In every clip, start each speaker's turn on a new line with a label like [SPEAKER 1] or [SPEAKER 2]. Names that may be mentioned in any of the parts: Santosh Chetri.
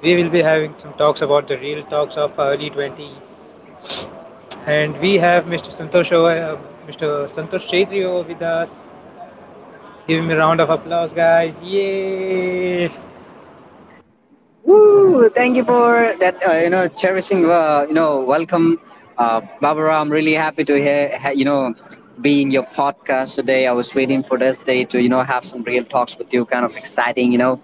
[SPEAKER 1] we will be having some talks about the real talks of early 20s. And we have Mr. Santosh, uh, Mr. Santosh Chetri over with us. Give him a round of applause, guys! Yay!
[SPEAKER 2] Woo! Thank you for that. Cherishing. Welcome, Barbara. I'm really happy to hear. Be in your podcast today. I was waiting for this day to have some real talks with you. Kind of exciting.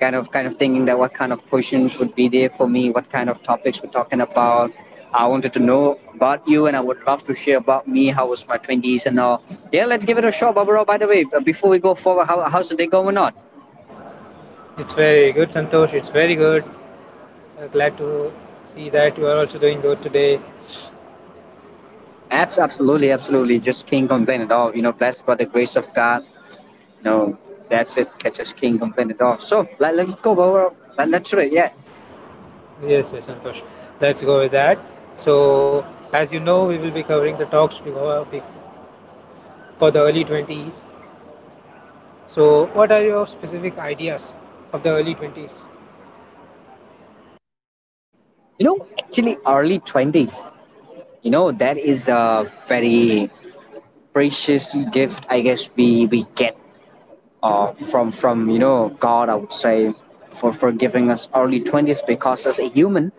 [SPEAKER 2] Kind of thinking that what kind of questions would be there for me. What kind of topics we're talking about. I wanted to know about you, and I would love to share about me. How was my twenties and all? Yeah, let's give it a shot, Barbara. By the way, before we go forward, how's the day going on?
[SPEAKER 1] It's very good, Santosh. It's very good. Glad to see that you are also doing good today.
[SPEAKER 2] Absolutely, absolutely. Just can't complain at all. Blessed by the grace of God. No, that's it. Just can't complain at all. So let's go over. Let's do it. Yeah.
[SPEAKER 1] Yes, yes, Santosh. Let's go with that. So, as you know, we will be covering the talks for the early 20s. So, what are your specific ideas of the early 20s?
[SPEAKER 2] Early 20s, that is a very precious gift, I guess, we get from God, I would say, for giving us early 20s because as a human,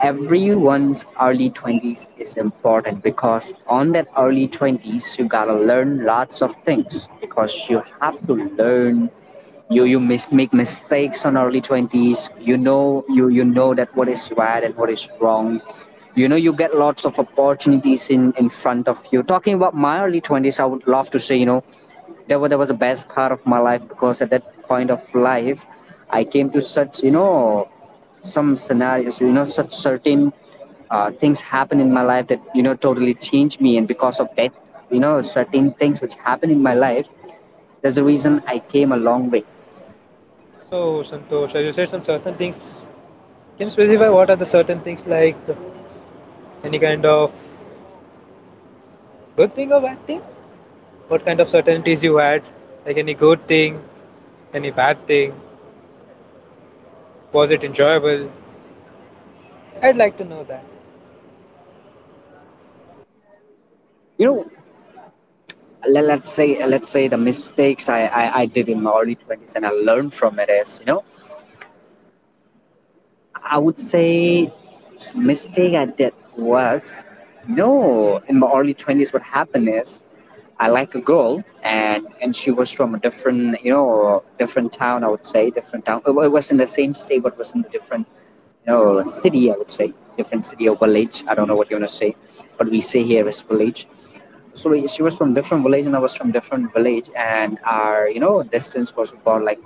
[SPEAKER 2] everyone's early 20s is important, because on that early 20s you gotta learn lots of things, because you have to learn. You make mistakes on early 20s. You know that what is right and what is wrong. You get lots of opportunities in front of you. Talking about my early 20s, I would love to say, that was the best part of my life, because at that point of life I came to such, some scenarios, such certain things happen in my life that totally changed me. And because of that, certain things which happen in my life, there's a reason I came a long way.
[SPEAKER 1] So, Santosh, as you said, some certain things. Can you specify what are the certain things, like any kind of good thing or bad thing? What kind of certainties you had? Like any good thing, any bad thing? Was it enjoyable? I'd like to know that.
[SPEAKER 2] you know let's say the mistakes I did in my early 20s and I learned from it is, I would say, mistake I did was, no, in my early 20s, what happened is, I like a girl, and she was from a different, different town, I would say, different town. It was in the same state, but was in a different, city, I would say, different city or village. I don't know what you want to say, but we say here is village. So she was from different village and I was from different village, and our, distance was about like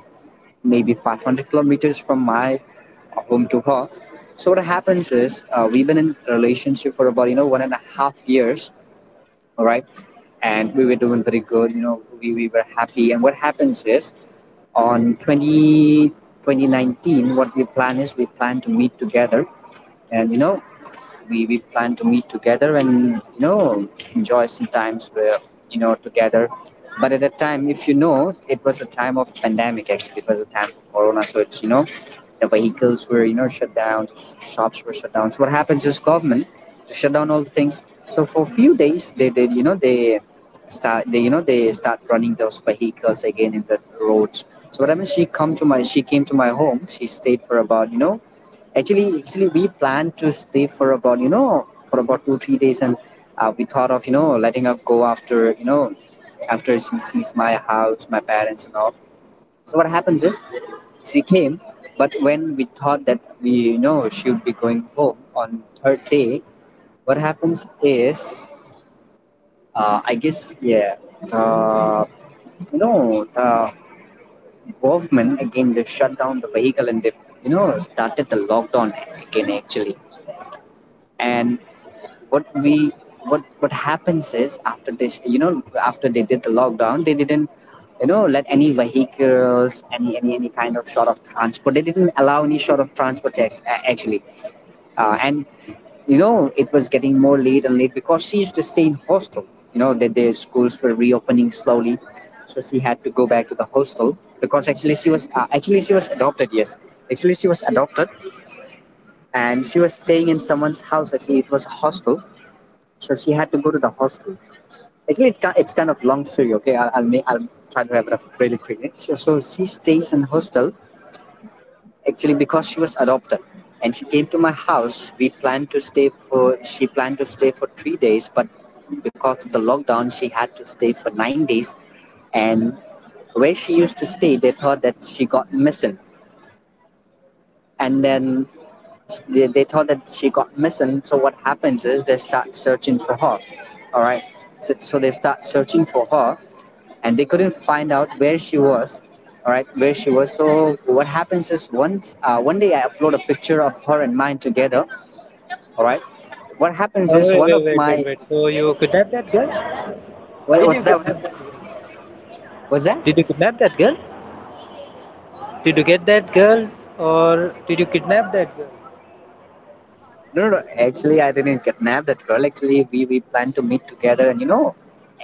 [SPEAKER 2] maybe 500 kilometers from my home to her. So what happens is, we've been in a relationship for about, 1.5 years, all right, and we were doing very good. We were happy. And what happens is, on 20 2019, what we plan is, we plan to meet together, and we plan to meet together and you know enjoy some times where, together. But at that time, if it was a time of pandemic. Actually, it was a time of corona, so it's, the vehicles were, shut down, shops were shut down. So what happens is, government to shut down all the things. So for few days they did, they start, they, they start running those vehicles again in the roads. So what happens, she came to my home, she stayed for about, actually, we planned to stay for about, for about 2-3 days, and we thought of letting her go after you know after she sees my house, my parents, and all. So what happens is, she came, but when we thought that we, she would be going home on her day, what happens is, I guess yeah, the the government again, they shut down the vehicle, and they started the lockdown again, actually. And what we what happens is, after this, after they did the lockdown, they didn't let any vehicles, any kind of sort of transport, they didn't allow any sort of transport, actually. And it was getting more late and late, because she used to stay in hostel, that their schools were reopening slowly, so she had to go back to the hostel, because actually she was adopted, yes, actually she was adopted, and she was staying in someone's house. Actually, it was a hostel, so she had to go to the hostel. Actually, it's kind of long story. Okay, I'll try to wrap it up really quickly. So, she stays in hostel actually because she was adopted, and she came to my house. We planned to stay for she planned to stay for 3 days, but because of the lockdown, she had to stay for 9 days. And where she used to stay, they thought that she got missing. And then they thought that she got missing. So what happens is, they start searching for her. All right. So, they start searching for her, and they couldn't find out where she was, all right, where she was so what happens is, once, one day I upload a picture of her and mine together, all right, what happens
[SPEAKER 1] Oh,
[SPEAKER 2] is,
[SPEAKER 1] wait,
[SPEAKER 2] one of
[SPEAKER 1] wait, wait, wait,
[SPEAKER 2] my...
[SPEAKER 1] wait. So, you kidnapped that girl?
[SPEAKER 2] what,
[SPEAKER 1] Did you
[SPEAKER 2] what's that?
[SPEAKER 1] kidnap that girl?
[SPEAKER 2] What's that?
[SPEAKER 1] Did you kidnap that girl? Did you get that girl or did you kidnap that girl?
[SPEAKER 2] No, no, no. Actually, I didn't kidnap that girl. Actually, we plan to meet together and,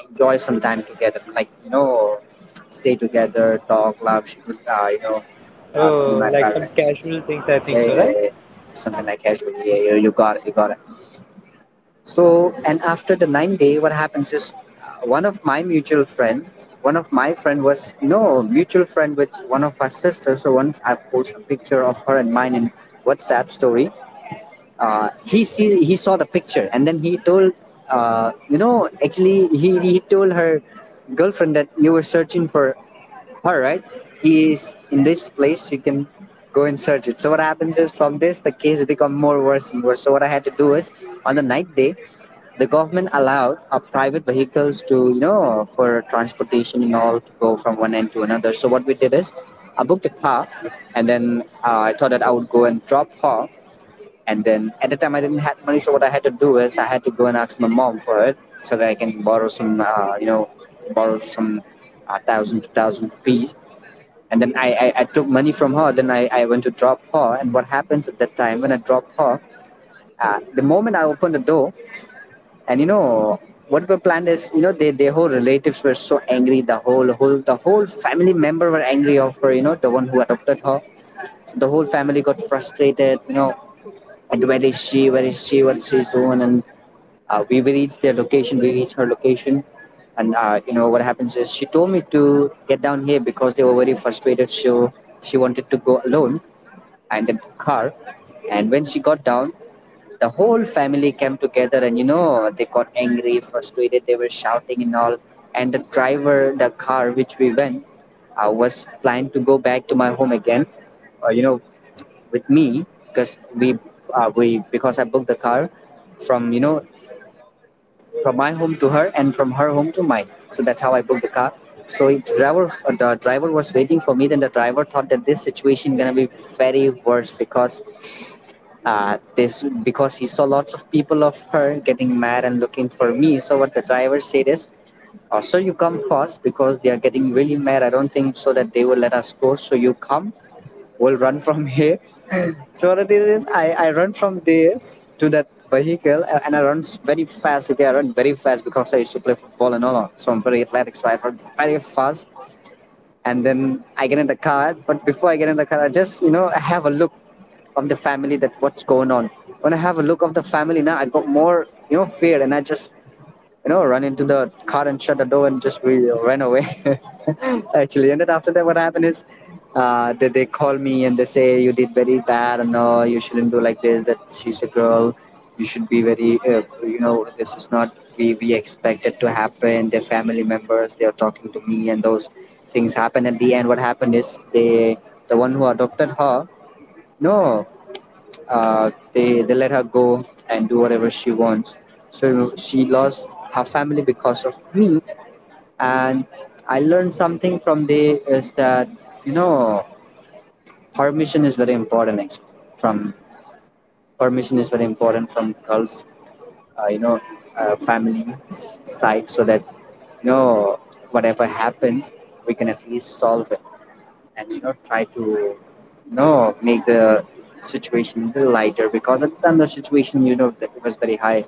[SPEAKER 2] enjoy some time together, like, stay together, talk, laugh. She could, see
[SPEAKER 1] Oh,
[SPEAKER 2] my
[SPEAKER 1] like some
[SPEAKER 2] parents.
[SPEAKER 1] casual things, I
[SPEAKER 2] Yeah,
[SPEAKER 1] think
[SPEAKER 2] yeah,
[SPEAKER 1] so,
[SPEAKER 2] yeah.
[SPEAKER 1] right?
[SPEAKER 2] Yeah. Something like casual. Yeah, yeah, you got it, you got it. So, and after the 9 day, what happens is, one of my mutual friends, one of my friend was, mutual friend with one of our sisters. So once I post a picture of her and mine in WhatsApp story, he saw the picture, and then he told her girlfriend that you were searching for, all right, he is in this place. You can go and search it. So what happens is, from this, the case become more worse and worse. So what I had to do is, on the night day, the government allowed private vehicles to, for transportation and all, to go from one end to another. So what we did is, I booked a car, and then I thought that I would go and drop her. And then at the time I didn't have money, so what I had to do is, I had to go and ask my mom for it, so that I can borrow some, borrow some 2,000 rupees, and then I took money from her. Then I went to drop her. And what happens at that time when I drop her, the moment I opened the door, and what were planned is, their whole relatives were so angry, the whole family member were angry of her, the one who adopted her. So the whole family got frustrated, and where is she, where is she, what is she doing? And we reached their location. We reached her location, and what happens is, she told me to get down here, because they were very frustrated. So she wanted to go alone, and in the car. And when she got down, the whole family came together, and they got angry, frustrated. They were shouting and all. And the driver, the car which we went, I was planning to go back to my home again, uh, you know, with me, because we because I booked the car from you know from my home to her, and from her home to mine. So that's how I booked the car. So the driver was waiting for me. Then the driver thought that this situation gonna be very worse, because he saw lots of people of her getting mad and looking for me. So what the driver said is, oh, "So you come first because they are getting really mad. I don't think so that they will let us go. So you come will run from here." So what I did is, I run from there to that vehicle, and I run very fast. Okay, I run very fast because I used to play football and all. That. So I'm very athletic. So I run very fast. And then I get in the car. But before I get in the car, I just I have a look of the family that what's going on. When I have a look of the family now, I got more fear, and I just run into the car and shut the door, and just we ran away. Actually, and then after that, what happened is, they call me and they say, you did very bad, and no, you shouldn't do like this. That she's a girl, you should be very, this is not we expected to happen. Their family members, they are talking to me, and those things happen. At the end, what happened is they the one who adopted her, no, they let her go and do whatever she wants. So she lost her family because of me, and I learned something from there is that you know permission is very important. Actually, from permission is very important from girls, uh, you know, family side, so that you know whatever happens, we can at least solve it. And try to make the situation a little lighter, because at the time the situation, that it was very high.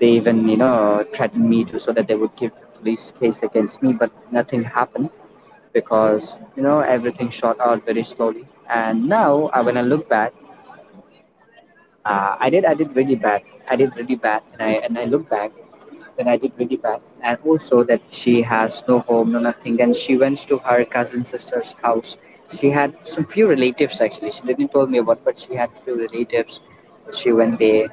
[SPEAKER 2] They even threatened me to, so that they would give police case against me, but nothing happened because everything shot out very slowly. And now, when I look back, I did really bad. I did really bad, and I look back. Then I did really bad. And also that she has no home, no nothing. Then she went to her cousin sister's house. She had some few relatives actually. She didn't tell me about, but she had few relatives. She went there.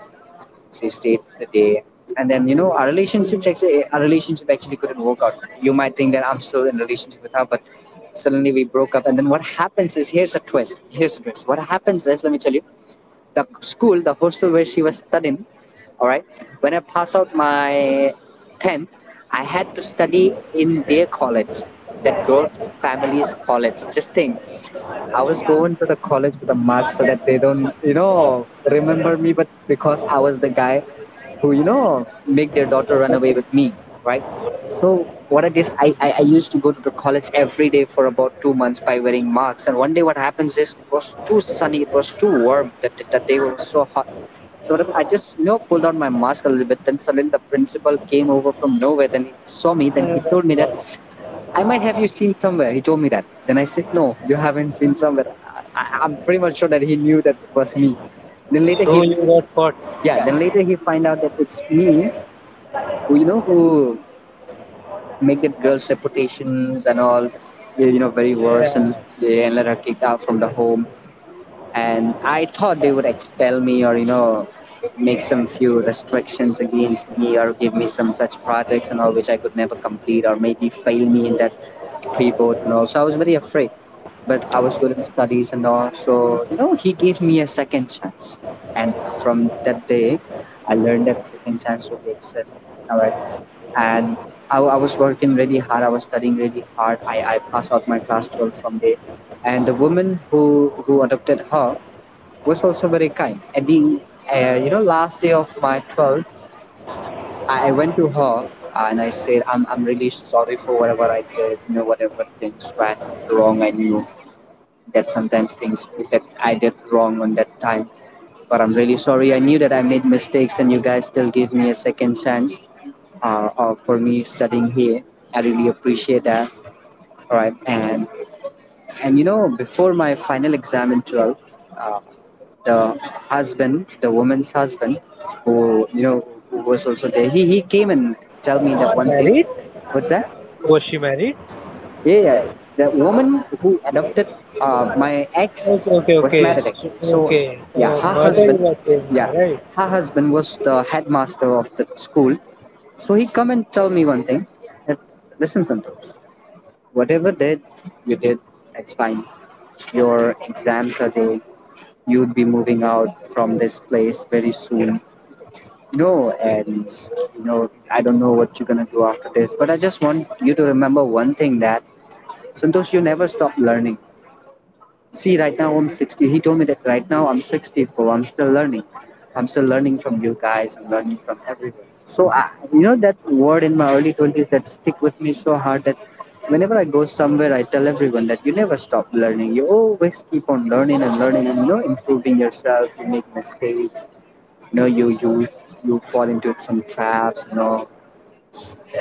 [SPEAKER 2] She stayed the day. And then our relationship actually couldn't work out. You might think that I'm still in a relationship with her, but suddenly we broke up. And then what happens is, here's a twist. Here's a twist. What happens is, let me tell you, the school, the hostel where she was studying, all right, when I passed out my 10th, I had to study in their college, that girl family's college. Just think, I was going to the college with a mark so that they don't, remember me. But because I was the guy who, make their daughter run away with me, right? So what I did, I used to go to the college every day for about 2 months by wearing marks. And one day what happens is, it was too sunny, it was too warm, that day was so hot. So what happened, I just, pulled out my mask a little bit. Then suddenly the principal came over from nowhere. Then he saw me.
[SPEAKER 1] So
[SPEAKER 2] Then he
[SPEAKER 1] you got
[SPEAKER 2] told me that
[SPEAKER 1] caught.
[SPEAKER 2] I might have you seen somewhere. He told me that. Then I said, no, you haven't seen somewhere. I'm pretty much sure that he knew that it was me. Then later
[SPEAKER 1] So
[SPEAKER 2] he,
[SPEAKER 1] you got caught.
[SPEAKER 2] yeah, then later he find out that it's me who, who make that girl's reputations and all, very worse,
[SPEAKER 1] Yeah.
[SPEAKER 2] and they and let her kicked out from the home. And I thought they would expel me, or make some few restrictions against me, or give me some such projects and all, which I could never complete, or maybe fail me in that pre-board and all. So I was very afraid, but I was good in studies and all. So he gave me a second chance. And from that day, I learned that second chance really exists. All right. And I was working really hard, I was studying really hard, I passed out my class 12 from there. And the woman who adopted her was also very kind. At the last day of my 12, I went to her and I said, I'm really sorry for whatever I did, whatever things went wrong. I knew that sometimes things that I did wrong on that time, but I'm really sorry. I knew that I made mistakes, and you guys still gave me a second chance for me studying here. I really appreciate that. All right. And before my final exam in 12, uh, the husband, the woman's husband, who who was also there, he came and tell me that
[SPEAKER 1] Was she
[SPEAKER 2] one thing.
[SPEAKER 1] married?
[SPEAKER 2] What's that?
[SPEAKER 1] Was she married?
[SPEAKER 2] Yeah, yeah. The woman who adopted my ex
[SPEAKER 1] Okay, okay,
[SPEAKER 2] was
[SPEAKER 1] okay.
[SPEAKER 2] married. So,
[SPEAKER 1] Okay. So
[SPEAKER 2] yeah, her
[SPEAKER 1] mother you
[SPEAKER 2] husband,
[SPEAKER 1] are saying
[SPEAKER 2] yeah,
[SPEAKER 1] now, right?
[SPEAKER 2] her husband was the headmaster of the school. So he come and tell me one thing that, listen, Santos, whatever did you did, it's fine. Your exams are there. You would be moving out from this place very soon. No, and I don't know what you're gonna do after this, but I just want you to remember one thing that, Santosh, you never stop learning. See, right now I'm 60. He told me that right now I'm 64. I'm still learning. I'm still learning from you guys. I'm learning from everyone. So, I, that word in my early 20s that stick with me so hard that whenever I go somewhere, I tell everyone that you never stop learning. You always keep on learning and learning and, improving yourself. You make mistakes. You know, you, you, you fall into some traps,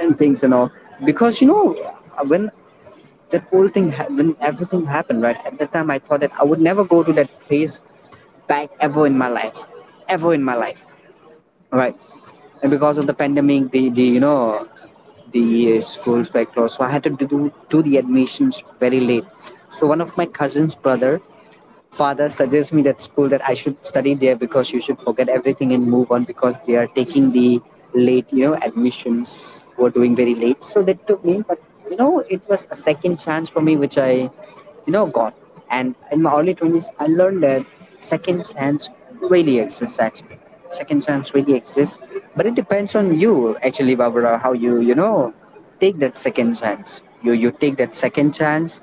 [SPEAKER 2] and things and all. Because, when that whole thing ha- when everything happened right at that time, I thought that I would never go to that place back ever in my life. Ever in my life, right? And because of the pandemic, the schools were closed. So I had to do the admissions very late. So one of my cousin's brother father suggests me that school, that I should study there because you should forget everything and move on, because they are taking the late, admissions were doing very late. So that took me. But it was a second chance for me which I, got. And in my early 20s, I learned that second chance really exists actually. Second chance really exists, but it depends on you actually, Barbara, how you you know take that second chance. You take that second chance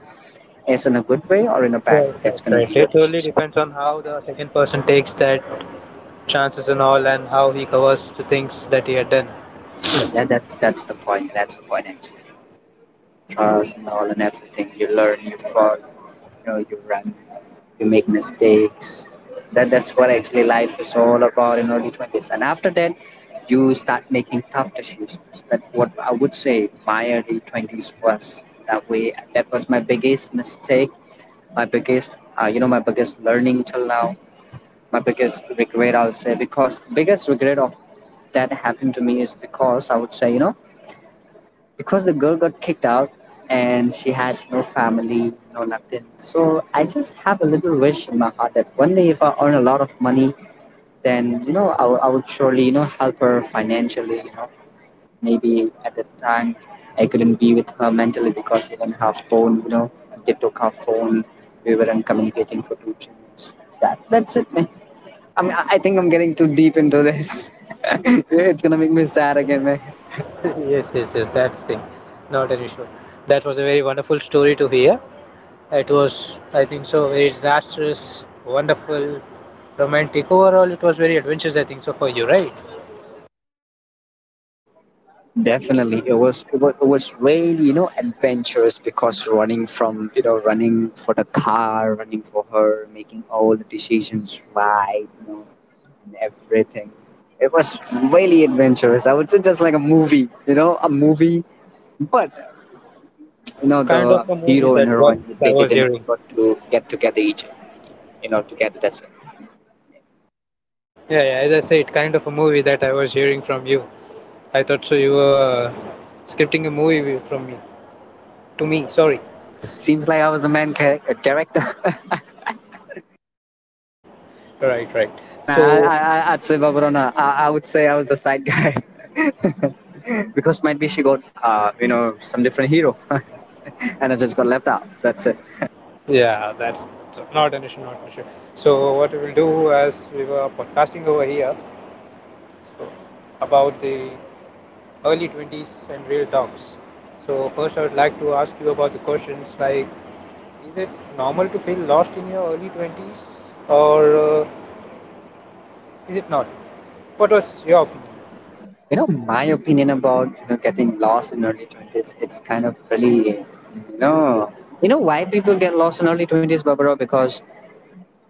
[SPEAKER 2] as in a good way or in a bad
[SPEAKER 1] Right,
[SPEAKER 2] way. That's
[SPEAKER 1] right,
[SPEAKER 2] gonna be
[SPEAKER 1] right.
[SPEAKER 2] your
[SPEAKER 1] It really
[SPEAKER 2] decision.
[SPEAKER 1] depends on how the second person takes that chances and all, and how he covers the things that he had done.
[SPEAKER 2] Yeah, that's the point. That's the point actually. Trials and all, and everything. You learn, you fall, you run, you make mistakes. That's what actually life is all about in early 20s. And after that, you start making tough decisions. That what I would say my early 20s was that way. That was my biggest mistake. My biggest, my biggest learning till now. My biggest regret, I would say, because biggest regret of that happened to me is because I would say, because the girl got kicked out and she had no family, no nothing. So I just have a little wish in my heart that one day if I earn a lot of money, then I would surely help her financially. Maybe at that time I couldn't be with her mentally because we didn't have phone. TikTok have phone. We weren't communicating for 2 3 minutes. That's it, man. I mean I think I'm getting too deep into this. It's gonna make me sad again, man.
[SPEAKER 1] Yes, yes, yes. That's thing. Not an issue. That was a very wonderful story to hear. It was, I think so, very disastrous, wonderful, romantic. Overall, it was very adventurous, I think so, for you, right?
[SPEAKER 2] Definitely, it was it was really adventurous, because running from running for the car, running for her, making all the decisions right, and everything. It was really adventurous. I would say just like a movie, a movie. But the
[SPEAKER 1] Kind of a movie
[SPEAKER 2] hero and
[SPEAKER 1] that was
[SPEAKER 2] heroine,
[SPEAKER 1] I
[SPEAKER 2] they
[SPEAKER 1] was
[SPEAKER 2] didn't ever
[SPEAKER 1] hearing.
[SPEAKER 2] got to get together each, together. That's it.
[SPEAKER 1] Yeah, yeah, as I said, kind of a movie that I was hearing from you. I thought so you were scripting a movie from me to me. Sorry.
[SPEAKER 2] Seems like I was the main character.
[SPEAKER 1] Right, right.
[SPEAKER 2] Nah,
[SPEAKER 1] So
[SPEAKER 2] I'd say Babarona. I would say I was the side guy. Because might be she got some different hero. And I just got left out. That's it.
[SPEAKER 1] yeah, that's so not an issue, not an issue. So what we will do, as we were podcasting over here, so about the early 20s and real talks. So, first, I would like to ask you about the questions, like, is it normal to feel lost in your early 20s, or uh, is it not? What was your opinion?
[SPEAKER 2] You know, my opinion about getting lost in early 20s, it's kind of really you know why people get lost in early 20s, Barbara? Because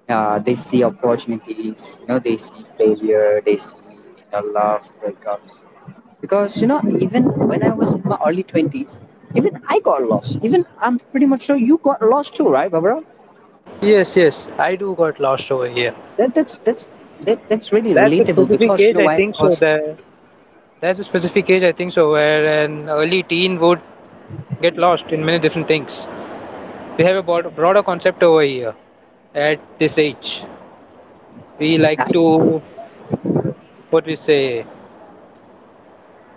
[SPEAKER 2] they see opportunities, they see failure, they see love breakups. Because even when I was in my early 20s, even I got lost. Even I'm pretty much sure you got lost too, right, Barbara?
[SPEAKER 1] Yes, yes, I do got lost over here.
[SPEAKER 2] That, that's that's that's really
[SPEAKER 1] That's a
[SPEAKER 2] relatable
[SPEAKER 1] specific
[SPEAKER 2] because you
[SPEAKER 1] age,
[SPEAKER 2] know
[SPEAKER 1] I
[SPEAKER 2] why?
[SPEAKER 1] think so.
[SPEAKER 2] Because
[SPEAKER 1] That's a specific age, I think so, where an early teen would get lost in many different things. We have a broader concept over here at this age. We like
[SPEAKER 2] I,
[SPEAKER 1] to, what we say,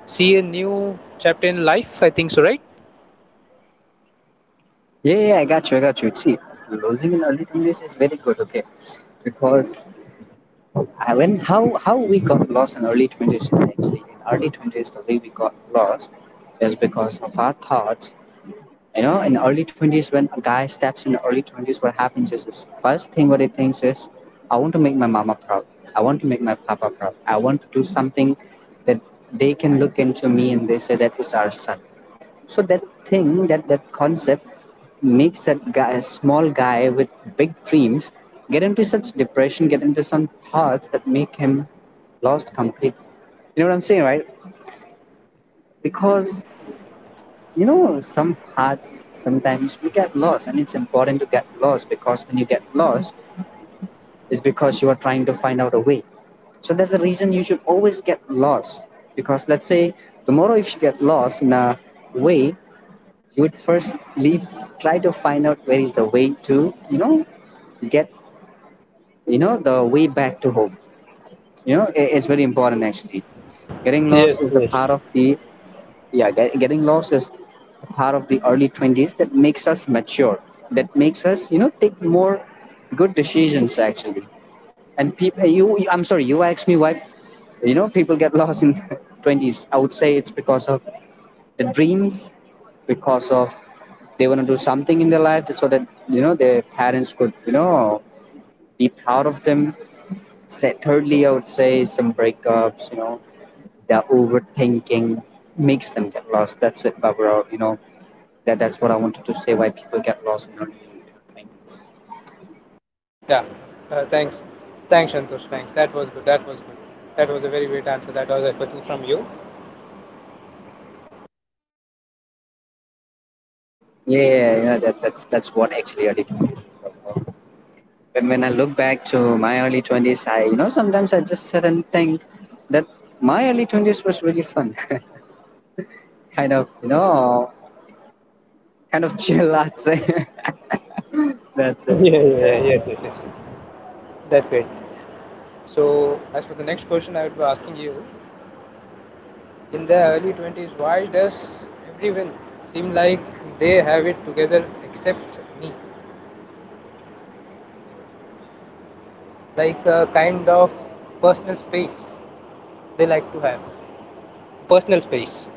[SPEAKER 1] see a new chapter in life. I think so, right?
[SPEAKER 2] yeah, yeah, I got you. See, losing in early 20s is very good, okay? Because I when how we got lost in early 20s. The way we got lost is because of our thoughts. You know, in early 20s when a guy steps in early 20s, what happens is his first thing what he thinks is, I want to make my mama proud. I want to make my papa proud. I want to do something that they can look into me and they say that is our son. So that thing, that concept, makes that guy, small guy with big dreams, get into such depression, get into some thoughts that make him lost completely. You know what I'm saying, right? Because you know some paths sometimes we get lost, and it's important to get lost because when you get lost, it's because you are trying to find out a way. So that's the reason you should always get lost. Because let's say tomorrow, if you get lost in a way, you would first leave try to find out where is the way to you know get the way back to home. It's very important actually. Getting lost
[SPEAKER 1] Yes,
[SPEAKER 2] is the
[SPEAKER 1] yes.
[SPEAKER 2] part of the getting lost is the part of the early 20s that makes us mature, that makes us, you know, take more good decisions actually. And people I'm sorry, you asked me why, you know, people get lost in 20s. I would say it's because of the dreams, because of they want to do something in their life so that, you know, their parents could, you know, be proud of them. Thirdly, I would say some breakups, you know, their overthinking makes them get lost. That's it, Barbara, you know. That's what I wanted to say, why people get lost in early 20s.
[SPEAKER 1] Yeah. Thanks. Thanks, Shantosh. Thanks. That was good. That was good. That was a very great answer that I was expecting from you.
[SPEAKER 2] Yeah, that's what actually early 20s is all about. When I look back to my early 20s, I, you know, sometimes I just sit and think that my early 20s was really fun, kind of, you know, kind of chill, I'd say. That's
[SPEAKER 1] Yeah,
[SPEAKER 2] it.
[SPEAKER 1] yeah, yeah, yes, yes, yes. That's great. So, as for the next question, I would be asking you, in the early 20s, why does everyone seem like they have it together except me? Like a kind of personal space they like to have. Personal space.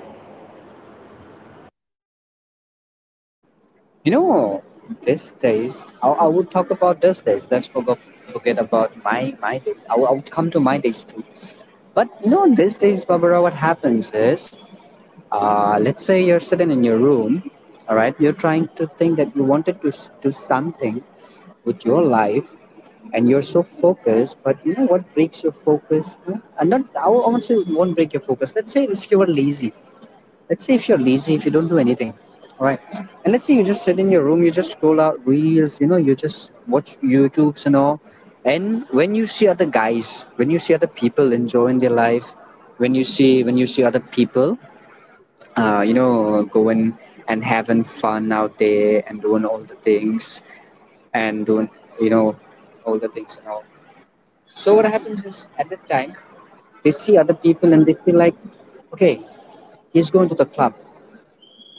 [SPEAKER 2] You know, these days I would talk about these days. Forget about my days. I would come to my days too, but you know these days, Barbara, what happens is, let's say you're sitting in your room, all right, you're trying to think that you wanted to do something with your life, and you're so focused, but you know what breaks your focus? Hmm? And not I won't say It won't break your focus. Let's say if you were lazy. Let's say if you're lazy, if you don't do anything, right? And let's say you just sit in your room, you just scroll out reels, you know, you just watch YouTubes and all. And when you see other guys, when you see other people enjoying their life, when you see other people, you know, going and having fun out there and doing all the things, and doing, you know, all the things and all. So what happens is at that time they see other people and they feel like, okay, he's going to the club.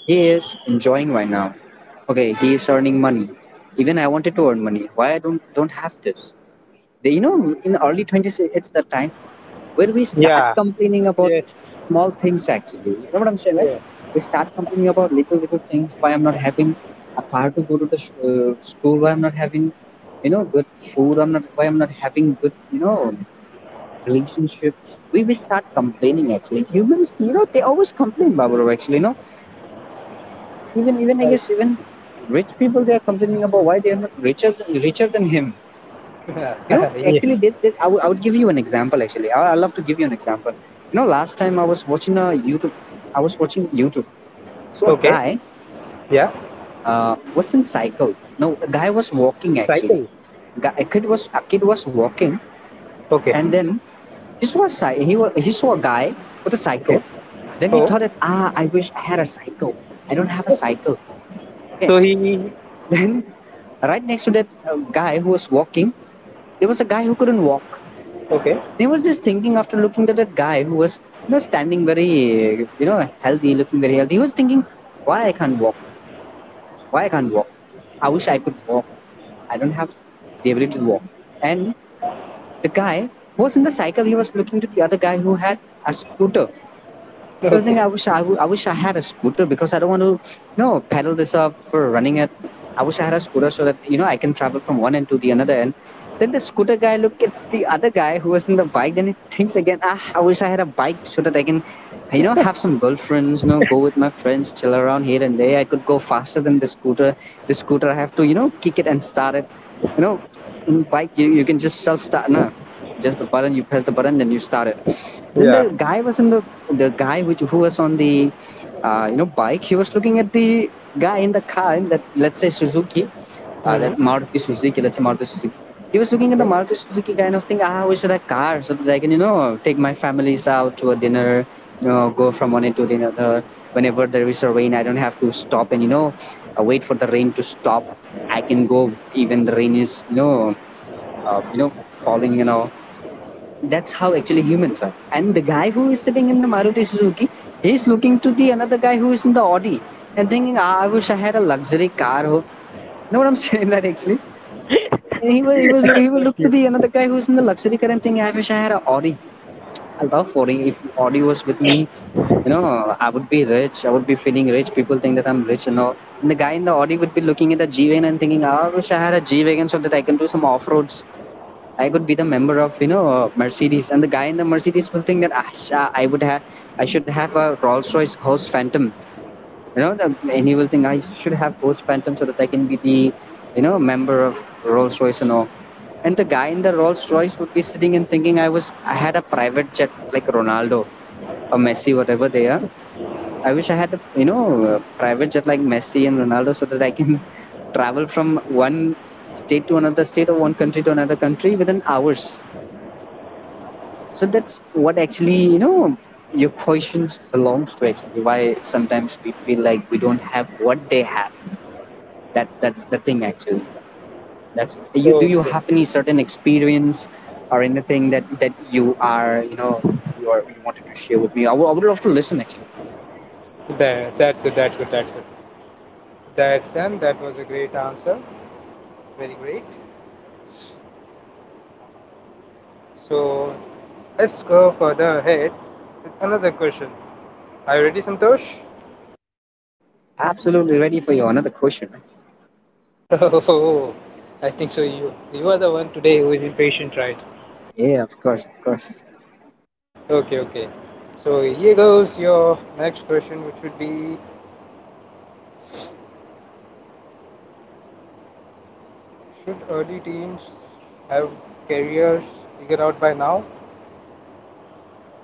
[SPEAKER 2] He is enjoying right now. Okay, he is earning money. Even I wanted to earn money. Why I don't have this? The, you know, in early 20s, it's the time where we start
[SPEAKER 1] Yeah,
[SPEAKER 2] complaining about
[SPEAKER 1] yes,
[SPEAKER 2] small things. Actually, you know what I'm saying, right?
[SPEAKER 1] yeah,
[SPEAKER 2] We start complaining about little little things. Why I'm not having a car to go to the school? Why I'm not having, you know, good food? I'm not. Why I'm not having good, you know, relationships? We will start complaining. Actually, humans, you know, they always complain, Babalu. Actually, you know, even I
[SPEAKER 1] right.
[SPEAKER 2] guess even rich people they are complaining about why they are not richer than him. You know,
[SPEAKER 1] Yeah.
[SPEAKER 2] actually, I would give you an example. Actually, I love to give you an example. You know, last time I was watching a YouTube, I was watching YouTube. So a
[SPEAKER 1] Okay.
[SPEAKER 2] guy
[SPEAKER 1] Yeah.
[SPEAKER 2] was in cycle. No, a guy was walking actually.
[SPEAKER 1] Cycle.
[SPEAKER 2] Guy, a kid was A kid was walking,
[SPEAKER 1] Okay.
[SPEAKER 2] and then he saw a he saw a guy with a
[SPEAKER 1] Okay.
[SPEAKER 2] cycle. Then he
[SPEAKER 1] So,
[SPEAKER 2] thought that ah, I wish I had a cycle. I don't have a cycle. Okay.
[SPEAKER 1] so he.
[SPEAKER 2] Then, right next to that guy who was walking, there was a guy who couldn't walk.
[SPEAKER 1] Okay.
[SPEAKER 2] They were just thinking after looking at that guy who was, you know, standing very, you know, healthy, looking very healthy. He was thinking, why I can't walk? Why I can't walk? I wish
[SPEAKER 1] Mm.
[SPEAKER 2] I could walk. I don't have the ability to walk. And the guy who was in the cycle, he was looking to the other guy who had a scooter. I was
[SPEAKER 1] Okay.
[SPEAKER 2] thinking, I wish I had a scooter because I don't want to, you know, pedal this up for running it. I wish I had a scooter so that, you know, I can travel from one end to the another end. Then the scooter guy look at the other guy who was in the bike. Then he thinks again, ah, I wish I had a bike so that I can, you know, have some girlfriends, you know, go with my friends, chill around here and there. I could go faster than the scooter. The scooter I have to, you know, kick it and start it. You know, in bike you, you can just self start now, just the button, you press the button, then you start it. Then the
[SPEAKER 1] Yeah.
[SPEAKER 2] guy was in the guy which who was on the you know bike, he was looking at the guy in the car in that, let's say, Suzuki, that
[SPEAKER 1] Hmm.
[SPEAKER 2] maruti suzuki let's say Maruti Suzuki. He was looking at the
[SPEAKER 1] Okay.
[SPEAKER 2] Maruti Suzuki guy and I was thinking ah, I wish I had a car so that I can, you know, take my families out to a dinner, you know, go from one end to the other, whenever there is a rain I don't have to stop and, you know, wait for the rain to stop. I can go even the rain is, you know, you know, falling and all. That's how actually humans are. And the guy who is sitting in the Maruti Suzuki, he's looking to the another guy who is in the Audi and thinking, ah, I wish I had a luxury car. Ho. You know what I'm saying? That actually, and he will
[SPEAKER 1] Got
[SPEAKER 2] look to
[SPEAKER 1] you.
[SPEAKER 2] the another guy who's in the luxury car and think, I wish I had an Audi. I love Audi. If Audi was with me, you know, I would be rich. I would be feeling rich. People think that I'm rich and all. And the guy in the Audi would be looking at the G Wagon and thinking, I wish I had a G Wagon so that I can do some off roads. I could be the member of, you know, Mercedes, and the guy in the Mercedes will think that, "Ah, I should have a Rolls Royce Ghost Phantom, you know the, and he will think I should have Ghost Phantom so that I can be the, you know, member of Rolls Royce and all." And the guy in the Rolls Royce would be sitting and thinking, I was I had a private jet like Ronaldo or Messi, whatever they are. I wish I had a, you know, a private jet like Messi and Ronaldo so that I can travel from one state to another state, or one country to another country within hours. So that's what actually, you know, your questions belongs to actually. Why sometimes we feel like we don't have what they have. That that's the thing actually. That's You do you
[SPEAKER 1] Okay.
[SPEAKER 2] have any certain experience or anything that that you are, you know, you are you wanted to share with me? I would love to listen actually.
[SPEAKER 1] That's good. That's good. That's good. That's done. That was a great answer. Very great. So, let's go further ahead with another question. Are you ready, Santosh?
[SPEAKER 2] Absolutely ready for your another question, man.
[SPEAKER 1] Oh, I think so. You are the one today who is impatient, right?
[SPEAKER 2] Yeah, of course, of course.
[SPEAKER 1] Okay, okay. So here goes your next question, which would be: should early teens have careers figured out by now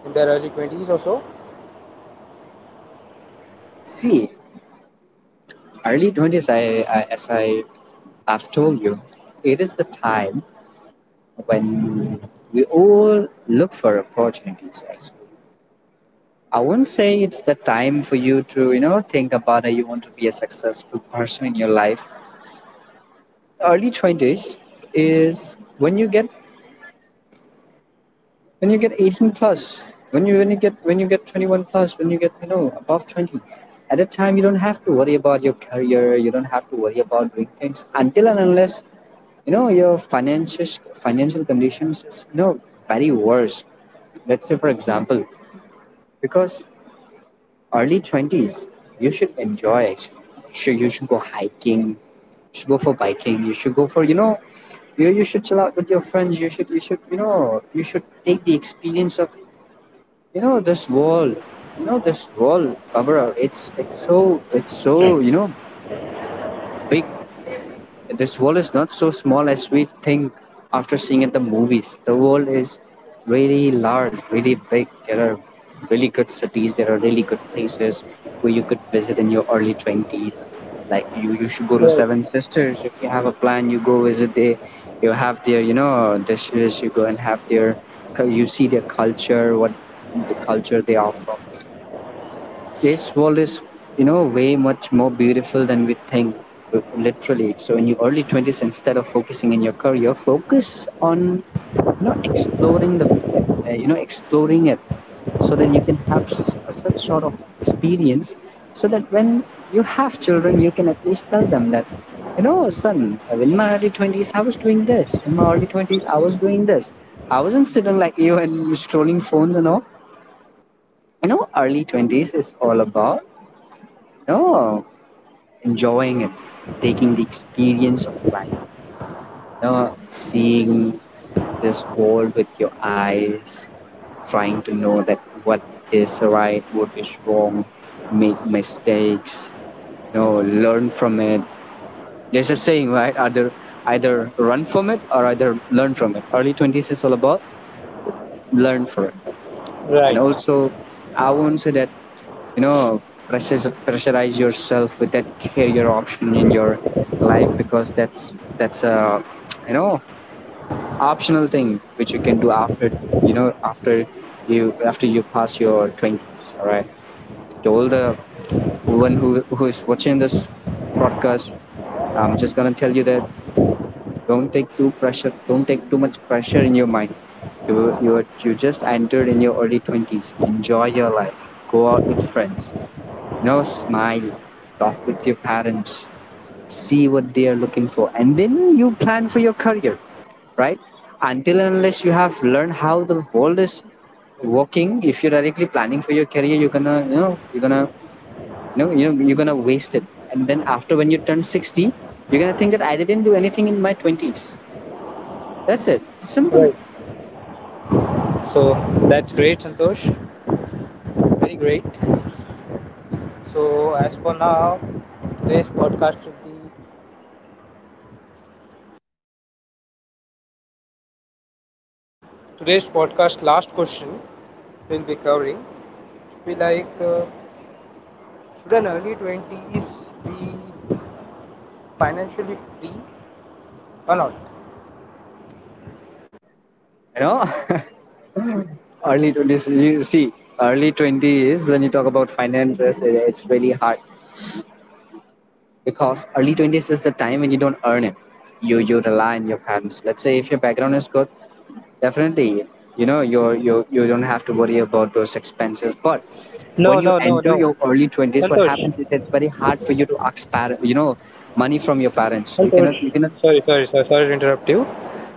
[SPEAKER 1] in their early 20s or so?
[SPEAKER 2] See, early 20s, I as I I've told you, it is the time when we all look for opportunities actually. I wouldn't say it's the time for you to think about that you want to be a successful person in your life. Early 20s is when you get, when you get 18 plus, when you get 21 plus, when you get, above 20. At that time you don't have to worry about your career, you don't have to worry about doing things until and unless your financial conditions is, very worse. Let's say, for example. Because early 20s, you should enjoy it. Sure, you should go hiking, you should go for biking, you should go for, you should chill out with your friends, you should take the experience of, this world. You know, this world, Abra, it's so, big. This world is not so small as we think after seeing at the movies. The world is really large, really big. There are really good cities, there are really good places where you could visit in your early 20s. Like, you should go to
[SPEAKER 1] Right.
[SPEAKER 2] Seven Sisters if you have a plan. You go visit there. You have their, dishes. You go and have their, you see their culture, what the culture they are from. This world is way much more beautiful than we think, literally. So in your early 20s, instead of focusing in your career, focus on, exploring the, exploring it, so that you can have such sort of experience, so that when you have children you can at least tell them that, son, in my early 20s I was doing this, in my early 20s I was doing this, I wasn't sitting like you and scrolling phones and all. Early 20s is all about, no, enjoying it, taking the experience of life, seeing this world with your eyes, trying to know that what is right, what is wrong, make mistakes, learn from it. There's a saying, right? Either run from it or either learn from it. early 20s is all about learn from it. And
[SPEAKER 1] Right.
[SPEAKER 2] also, I won't say that you know pressure, pressurize yourself with that career option in your life, because that's a, you know optional thing which you can do you know after after you pass your 20s, all right? To all the one who is watching this broadcast, I'm just gonna tell you that, don't take too pressure, don't take too much pressure in your mind. You just entered in your early 20s, enjoy your life, go out with friends, no, smile, talk with your parents, see what they are looking for, and then you plan for your career, right? Until and unless you have learned how the world is working, if you're directly planning for your career, you're gonna waste it. And then after, when you turn 60, you're gonna think that I didn't do anything in my twenties. That's it. Simple.
[SPEAKER 1] Right. So that's great, Santosh. Very great. So, as for now, today's podcast will be today's podcast last question we'll be covering should be like, should an early 20s be financially free or not?
[SPEAKER 2] You know, early 20s. You see, early 20 is when you talk about finances. It's really hard because early 20s is the time when you don't earn it, you rely on your parents. Let's say if your background is good, definitely, you don't have to worry about those expenses, but when
[SPEAKER 1] No,
[SPEAKER 2] you
[SPEAKER 1] no, no,
[SPEAKER 2] enter
[SPEAKER 1] no.
[SPEAKER 2] your early 20s what
[SPEAKER 1] Santosh,
[SPEAKER 2] happens is, it's very hard for you to ask money from your parents. you cannot you
[SPEAKER 1] Santosh,
[SPEAKER 2] cannot
[SPEAKER 1] sorry, sorry, sorry, sorry to interrupt you.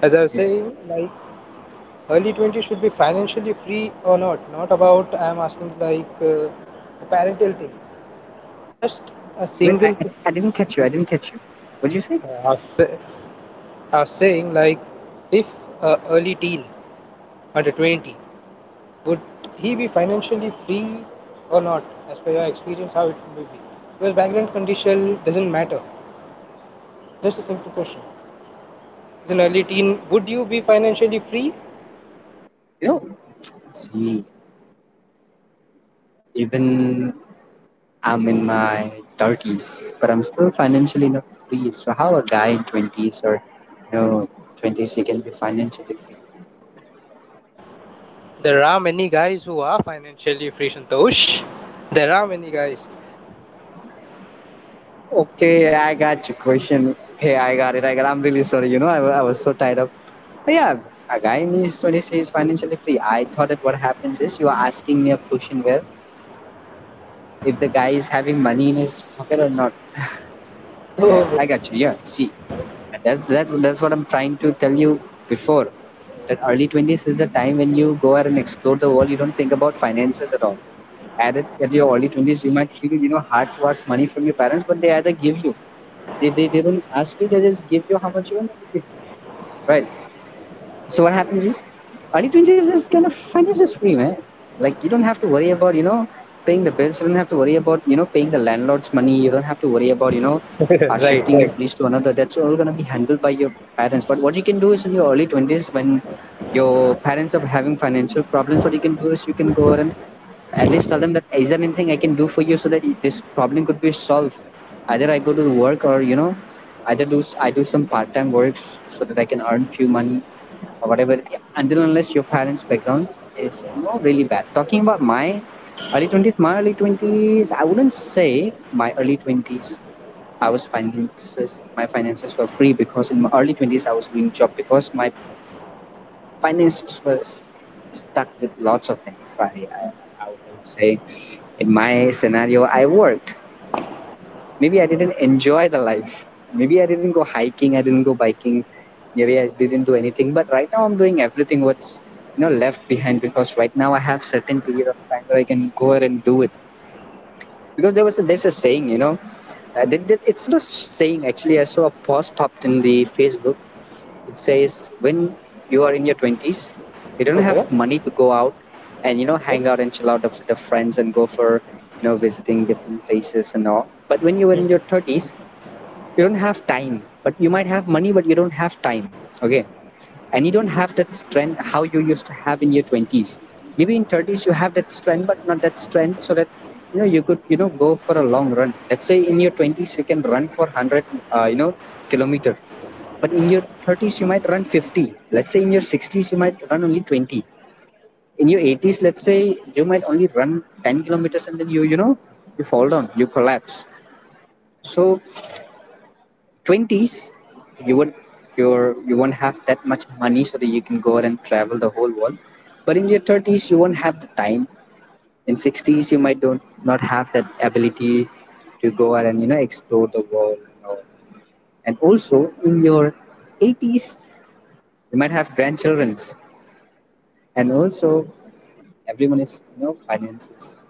[SPEAKER 1] As I was saying, like, early 20s should be financially free or not. Not about, I'm asking, like, a parental thing. Just a
[SPEAKER 2] Wait, I,
[SPEAKER 1] single thing.
[SPEAKER 2] I didn't catch you. I didn't catch you. What did you say?
[SPEAKER 1] Uh, I was say- I was saying, like, if a early teen under 20 would he be financially free or not, as per your experience, how it will be? Because background condition doesn't matter. Just a simple question. As an early teen, would you be financially free?
[SPEAKER 2] you know See, even I'm in my 30s, but I'm still financially not free. So how a guy in 20s, or you know 20s, he can be financially free?
[SPEAKER 1] There are many guys who are financially free, Santosh. There are many guys.
[SPEAKER 2] Okay, I got your question. Okay, I got it. I got. I'm really sorry. You know, I was so tied up. But yeah, a guy in his 20s is financially free. I thought that what happens is, you are asking me a question where, if the guy is having money in his pocket or not.
[SPEAKER 1] Oh, okay.
[SPEAKER 2] I got you. Yeah. See, and that's what I'm trying to tell you before, that early 20s is the time when you go out and explore the world. You don't think about finances at all. At your early 20s, you might feel hard works money from your parents, but they either give you. They don't ask you. They just give you how much you want and they give you. Right. So what happens is, early 20s is kind of financial free, man. Like, you don't have to worry about paying the bills. You don't have to worry about paying the landlord's money. You don't have to worry about
[SPEAKER 1] Right,
[SPEAKER 2] shifting your
[SPEAKER 1] right.
[SPEAKER 2] place to another. That's all gonna be handled by your parents. But what you can do is, in your early 20s, when your parents are having financial problems, what you can do is, you can go ahead and at least tell them that, is there anything I can do for you so that this problem could be solved? Either I go to work, or either do I do some part time works so that I can earn few money, or whatever, until unless your parents background is, really bad. Talking about my early 20s, my early 20s, I wouldn't say my early 20s, I was finances my finances were free, because in my early 20s I was doing job, because my finances were stuck with lots of things. So I would say, in my scenario I worked, maybe I didn't enjoy the life. Maybe I didn't go hiking, I didn't go biking, maybe I didn't do anything. But right now I'm doing everything what's left behind, because right now I have certain period of time where I can go ahead and do it. Because there was a, there's a saying, it's not a saying actually. I saw a post popped in the Facebook. It says, when you are in your twenties, you don't
[SPEAKER 1] Okay.
[SPEAKER 2] have money to go out and hang out and chill out with the friends and go for visiting different places and all. But when you were in your thirties, you don't have time, but you might have money, but you don't have time, okay? And you don't have that strength how you used to have in your 20s. Maybe in 30s you have that strength, but not that strength, so that you could go for a long run. Let's say in your 20s you can run for 100, uh, you know kilometer. But in your 30s you might run 50. Let's say in your 60s you might run only 20. In your 80s, let's say, you might only run 10 kilometers, and then you fall down, you collapse. So 20s, you would your you won't have that much money so that you can go out and travel the whole world. But in your 30s you won't have the time. In 60s you might don't not have that ability to go out and explore the world and, all. And also, in your 80s, you might have grandchildren. And also, everyone is finances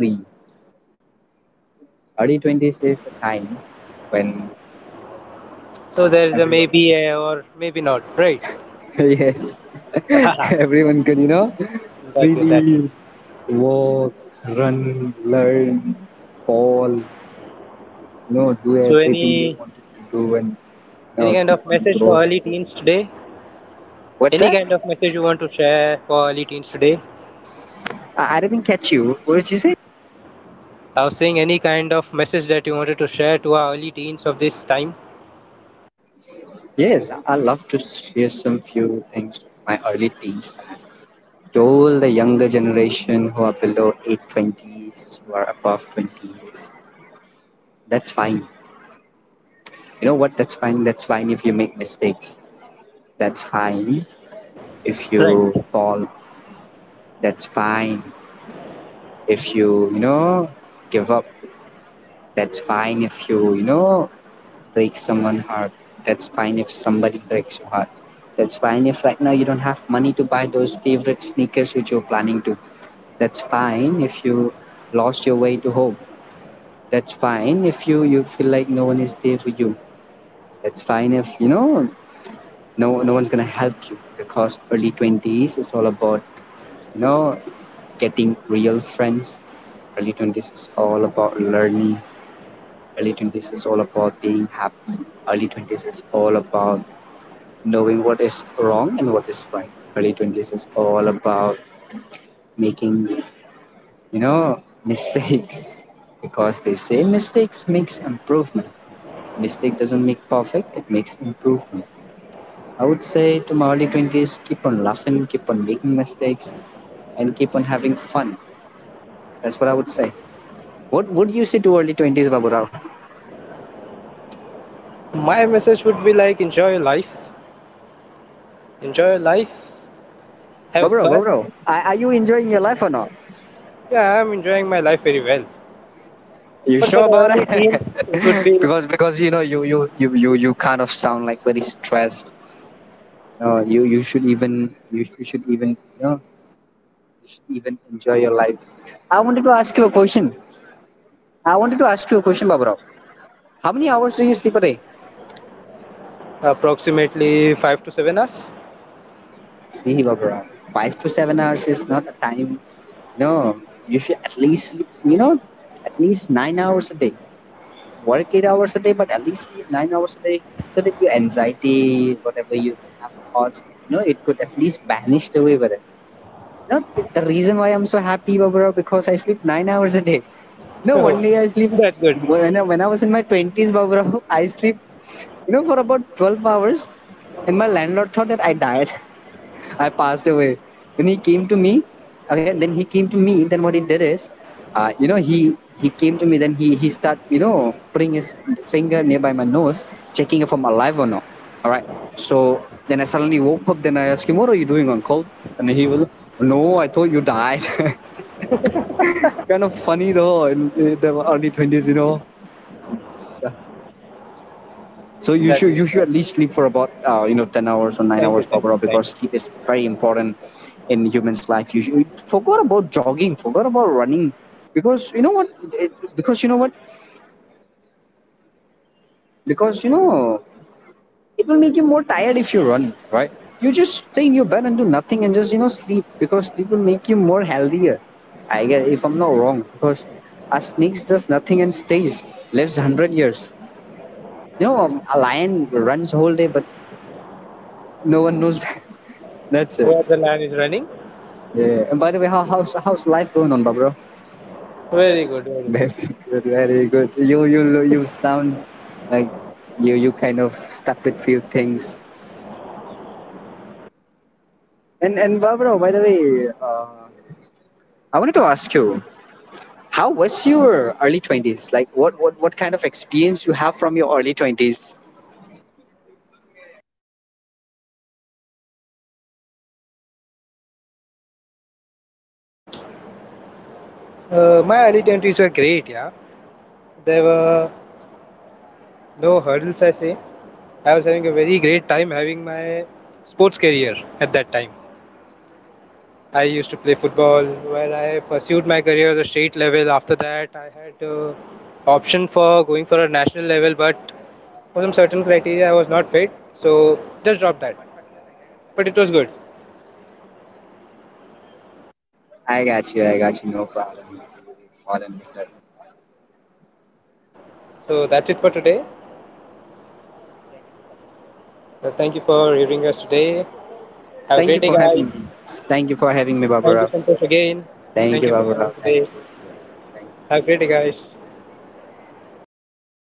[SPEAKER 2] free. Early 20s is a time when
[SPEAKER 1] So there is a
[SPEAKER 2] everyone
[SPEAKER 1] maybe a or maybe not, right?
[SPEAKER 2] yes,
[SPEAKER 1] That
[SPEAKER 2] everyone can,
[SPEAKER 1] way, that way.
[SPEAKER 2] freely walk, run, learn, fall, do
[SPEAKER 1] So
[SPEAKER 2] everything they
[SPEAKER 1] any
[SPEAKER 2] wanted to do and,
[SPEAKER 1] any kind
[SPEAKER 2] keep
[SPEAKER 1] of
[SPEAKER 2] on
[SPEAKER 1] message for
[SPEAKER 2] growing.
[SPEAKER 1] early teens today?
[SPEAKER 2] What's
[SPEAKER 1] Any
[SPEAKER 2] that?
[SPEAKER 1] kind of message you want to share for early teens today?
[SPEAKER 2] I didn't catch you. What did you say?
[SPEAKER 1] I was saying, any kind of message that you wanted to share to our early teens of this time.
[SPEAKER 2] Yes, I love to share some few things from my early teens, that, to all the younger generation who are below 820s, who are above 20s: that's fine. You know what? That's fine. That's fine if you make mistakes. That's fine if you
[SPEAKER 1] Right.
[SPEAKER 2] fall. That's fine if you you know give up. That's fine if you you know break someone's heart. That's fine if somebody breaks your heart. That's fine if right now you don't have money to buy those favorite sneakers which you're planning to. That's fine if you lost your way to home. That's fine if you feel like no one is there for you. That's fine if no, no one's gonna help you, because early 20s is all about you know getting real friends. Early 20s is all about learning. Early 20s is all about being happy. Early 20s is all about knowing what is wrong and what is right. Early 20s is all about making, mistakes, because they say mistakes makes improvement. Mistake doesn't make perfect, it makes improvement. I would say to my early 20s, keep on laughing, keep on making mistakes, and keep on having fun. That's what I would say. What would you say to early 20s, Baburao?
[SPEAKER 1] My message would be like, enjoy your life. Enjoy your life. Have
[SPEAKER 2] Baburao,
[SPEAKER 1] fun.
[SPEAKER 2] Baburao, are you enjoying your life or not?
[SPEAKER 1] Yeah, I'm enjoying my life very well.
[SPEAKER 2] You
[SPEAKER 1] But for
[SPEAKER 2] sure
[SPEAKER 1] the
[SPEAKER 2] about
[SPEAKER 1] early
[SPEAKER 2] it?
[SPEAKER 1] teens, it would be
[SPEAKER 2] Because you kind of sound like very stressed. You should even you should even enjoy your life. I wanted to ask you a question. I wanted to ask you a question, Baburao. How many hours do you sleep a day?
[SPEAKER 1] approximately 5 to 7 hours.
[SPEAKER 2] See, Baburao, 5 to 7 hours is not a time. You know, you should at least sleep, at least 9 hours a day. Work 8 hours a day, but at least sleep 9 hours a day, so that your anxiety, whatever you have thoughts, it could at least vanish away with it. You know, the reason why I'm so happy, Barbara, because I sleep 9 hours a day. No, one
[SPEAKER 1] Oh,
[SPEAKER 2] day I sleep,
[SPEAKER 1] that's good.
[SPEAKER 2] when I was in my twenties, Barbara, I sleep, for about 12 hours, and my landlord thought that I died. I passed away. Then he came to me. Okay, then he came to me. Then what he did is, he came to me. Then he start putting his finger nearby my nose, checking if I'm alive or not. All right. So then I suddenly woke up. Then I asked him, "What are you doing, Uncle?" And he was, "No, I thought you died." Kind of funny though, in the early twenties. Yeah. So you
[SPEAKER 1] That's
[SPEAKER 2] should
[SPEAKER 1] good.
[SPEAKER 2] you should
[SPEAKER 1] That's
[SPEAKER 2] at
[SPEAKER 1] good.
[SPEAKER 2] least
[SPEAKER 1] That's
[SPEAKER 2] sleep for about,
[SPEAKER 1] good.
[SPEAKER 2] 10 hours or nine
[SPEAKER 1] Thank you.
[SPEAKER 2] hours per
[SPEAKER 1] Thank
[SPEAKER 2] hour,
[SPEAKER 1] you. Thank
[SPEAKER 2] because
[SPEAKER 1] you.
[SPEAKER 2] sleep is very important in humans' life. You should, forgot about jogging, forgot about running, because you know what? It, because you know what? Because it will make you more tired if you run, right? You just stay in your bed and do nothing and just sleep, because sleep will make you more healthier. I guess if I'm not wrong, because a snake does nothing and stays lives 100 years. A lion runs whole day, but no one knows. That's it.
[SPEAKER 1] Where the line is running?
[SPEAKER 2] Yeah. And by the way, how's life going on, Barbara?
[SPEAKER 1] Very good. Very
[SPEAKER 2] Very
[SPEAKER 1] good.
[SPEAKER 2] good. Very good. You sound like you kind of stuck with few things. And Barbara, by the way, uh, I wanted to ask you, how was your early 20s? Like, what kind of experience you have from your early 20s?
[SPEAKER 1] My early 20s were great. Yeah, there were no hurdles. I say I was having a very great time having my sports career at that time. I used to play football, where I pursued my career at the state level. After that, I had, option for going for a national level, but for some certain criteria, I was not fit, so just dropped that. But it was good.
[SPEAKER 2] I got you. I got you. No problem. Fallen with that.
[SPEAKER 1] So that's it for today. Thank you for hearing us today. Have a
[SPEAKER 2] Thank you
[SPEAKER 1] great day,
[SPEAKER 2] for
[SPEAKER 1] guys.
[SPEAKER 2] having me. Thank you for having me,
[SPEAKER 1] Thank you,
[SPEAKER 2] Barbara.
[SPEAKER 1] Santosh, again.
[SPEAKER 2] Thank
[SPEAKER 1] Thank
[SPEAKER 2] you,
[SPEAKER 1] you for
[SPEAKER 2] Barbara.
[SPEAKER 1] coming
[SPEAKER 2] Thank
[SPEAKER 1] today.
[SPEAKER 2] you. Thank you.
[SPEAKER 1] Have a
[SPEAKER 2] Thank
[SPEAKER 1] great day,
[SPEAKER 2] you.
[SPEAKER 1] guys.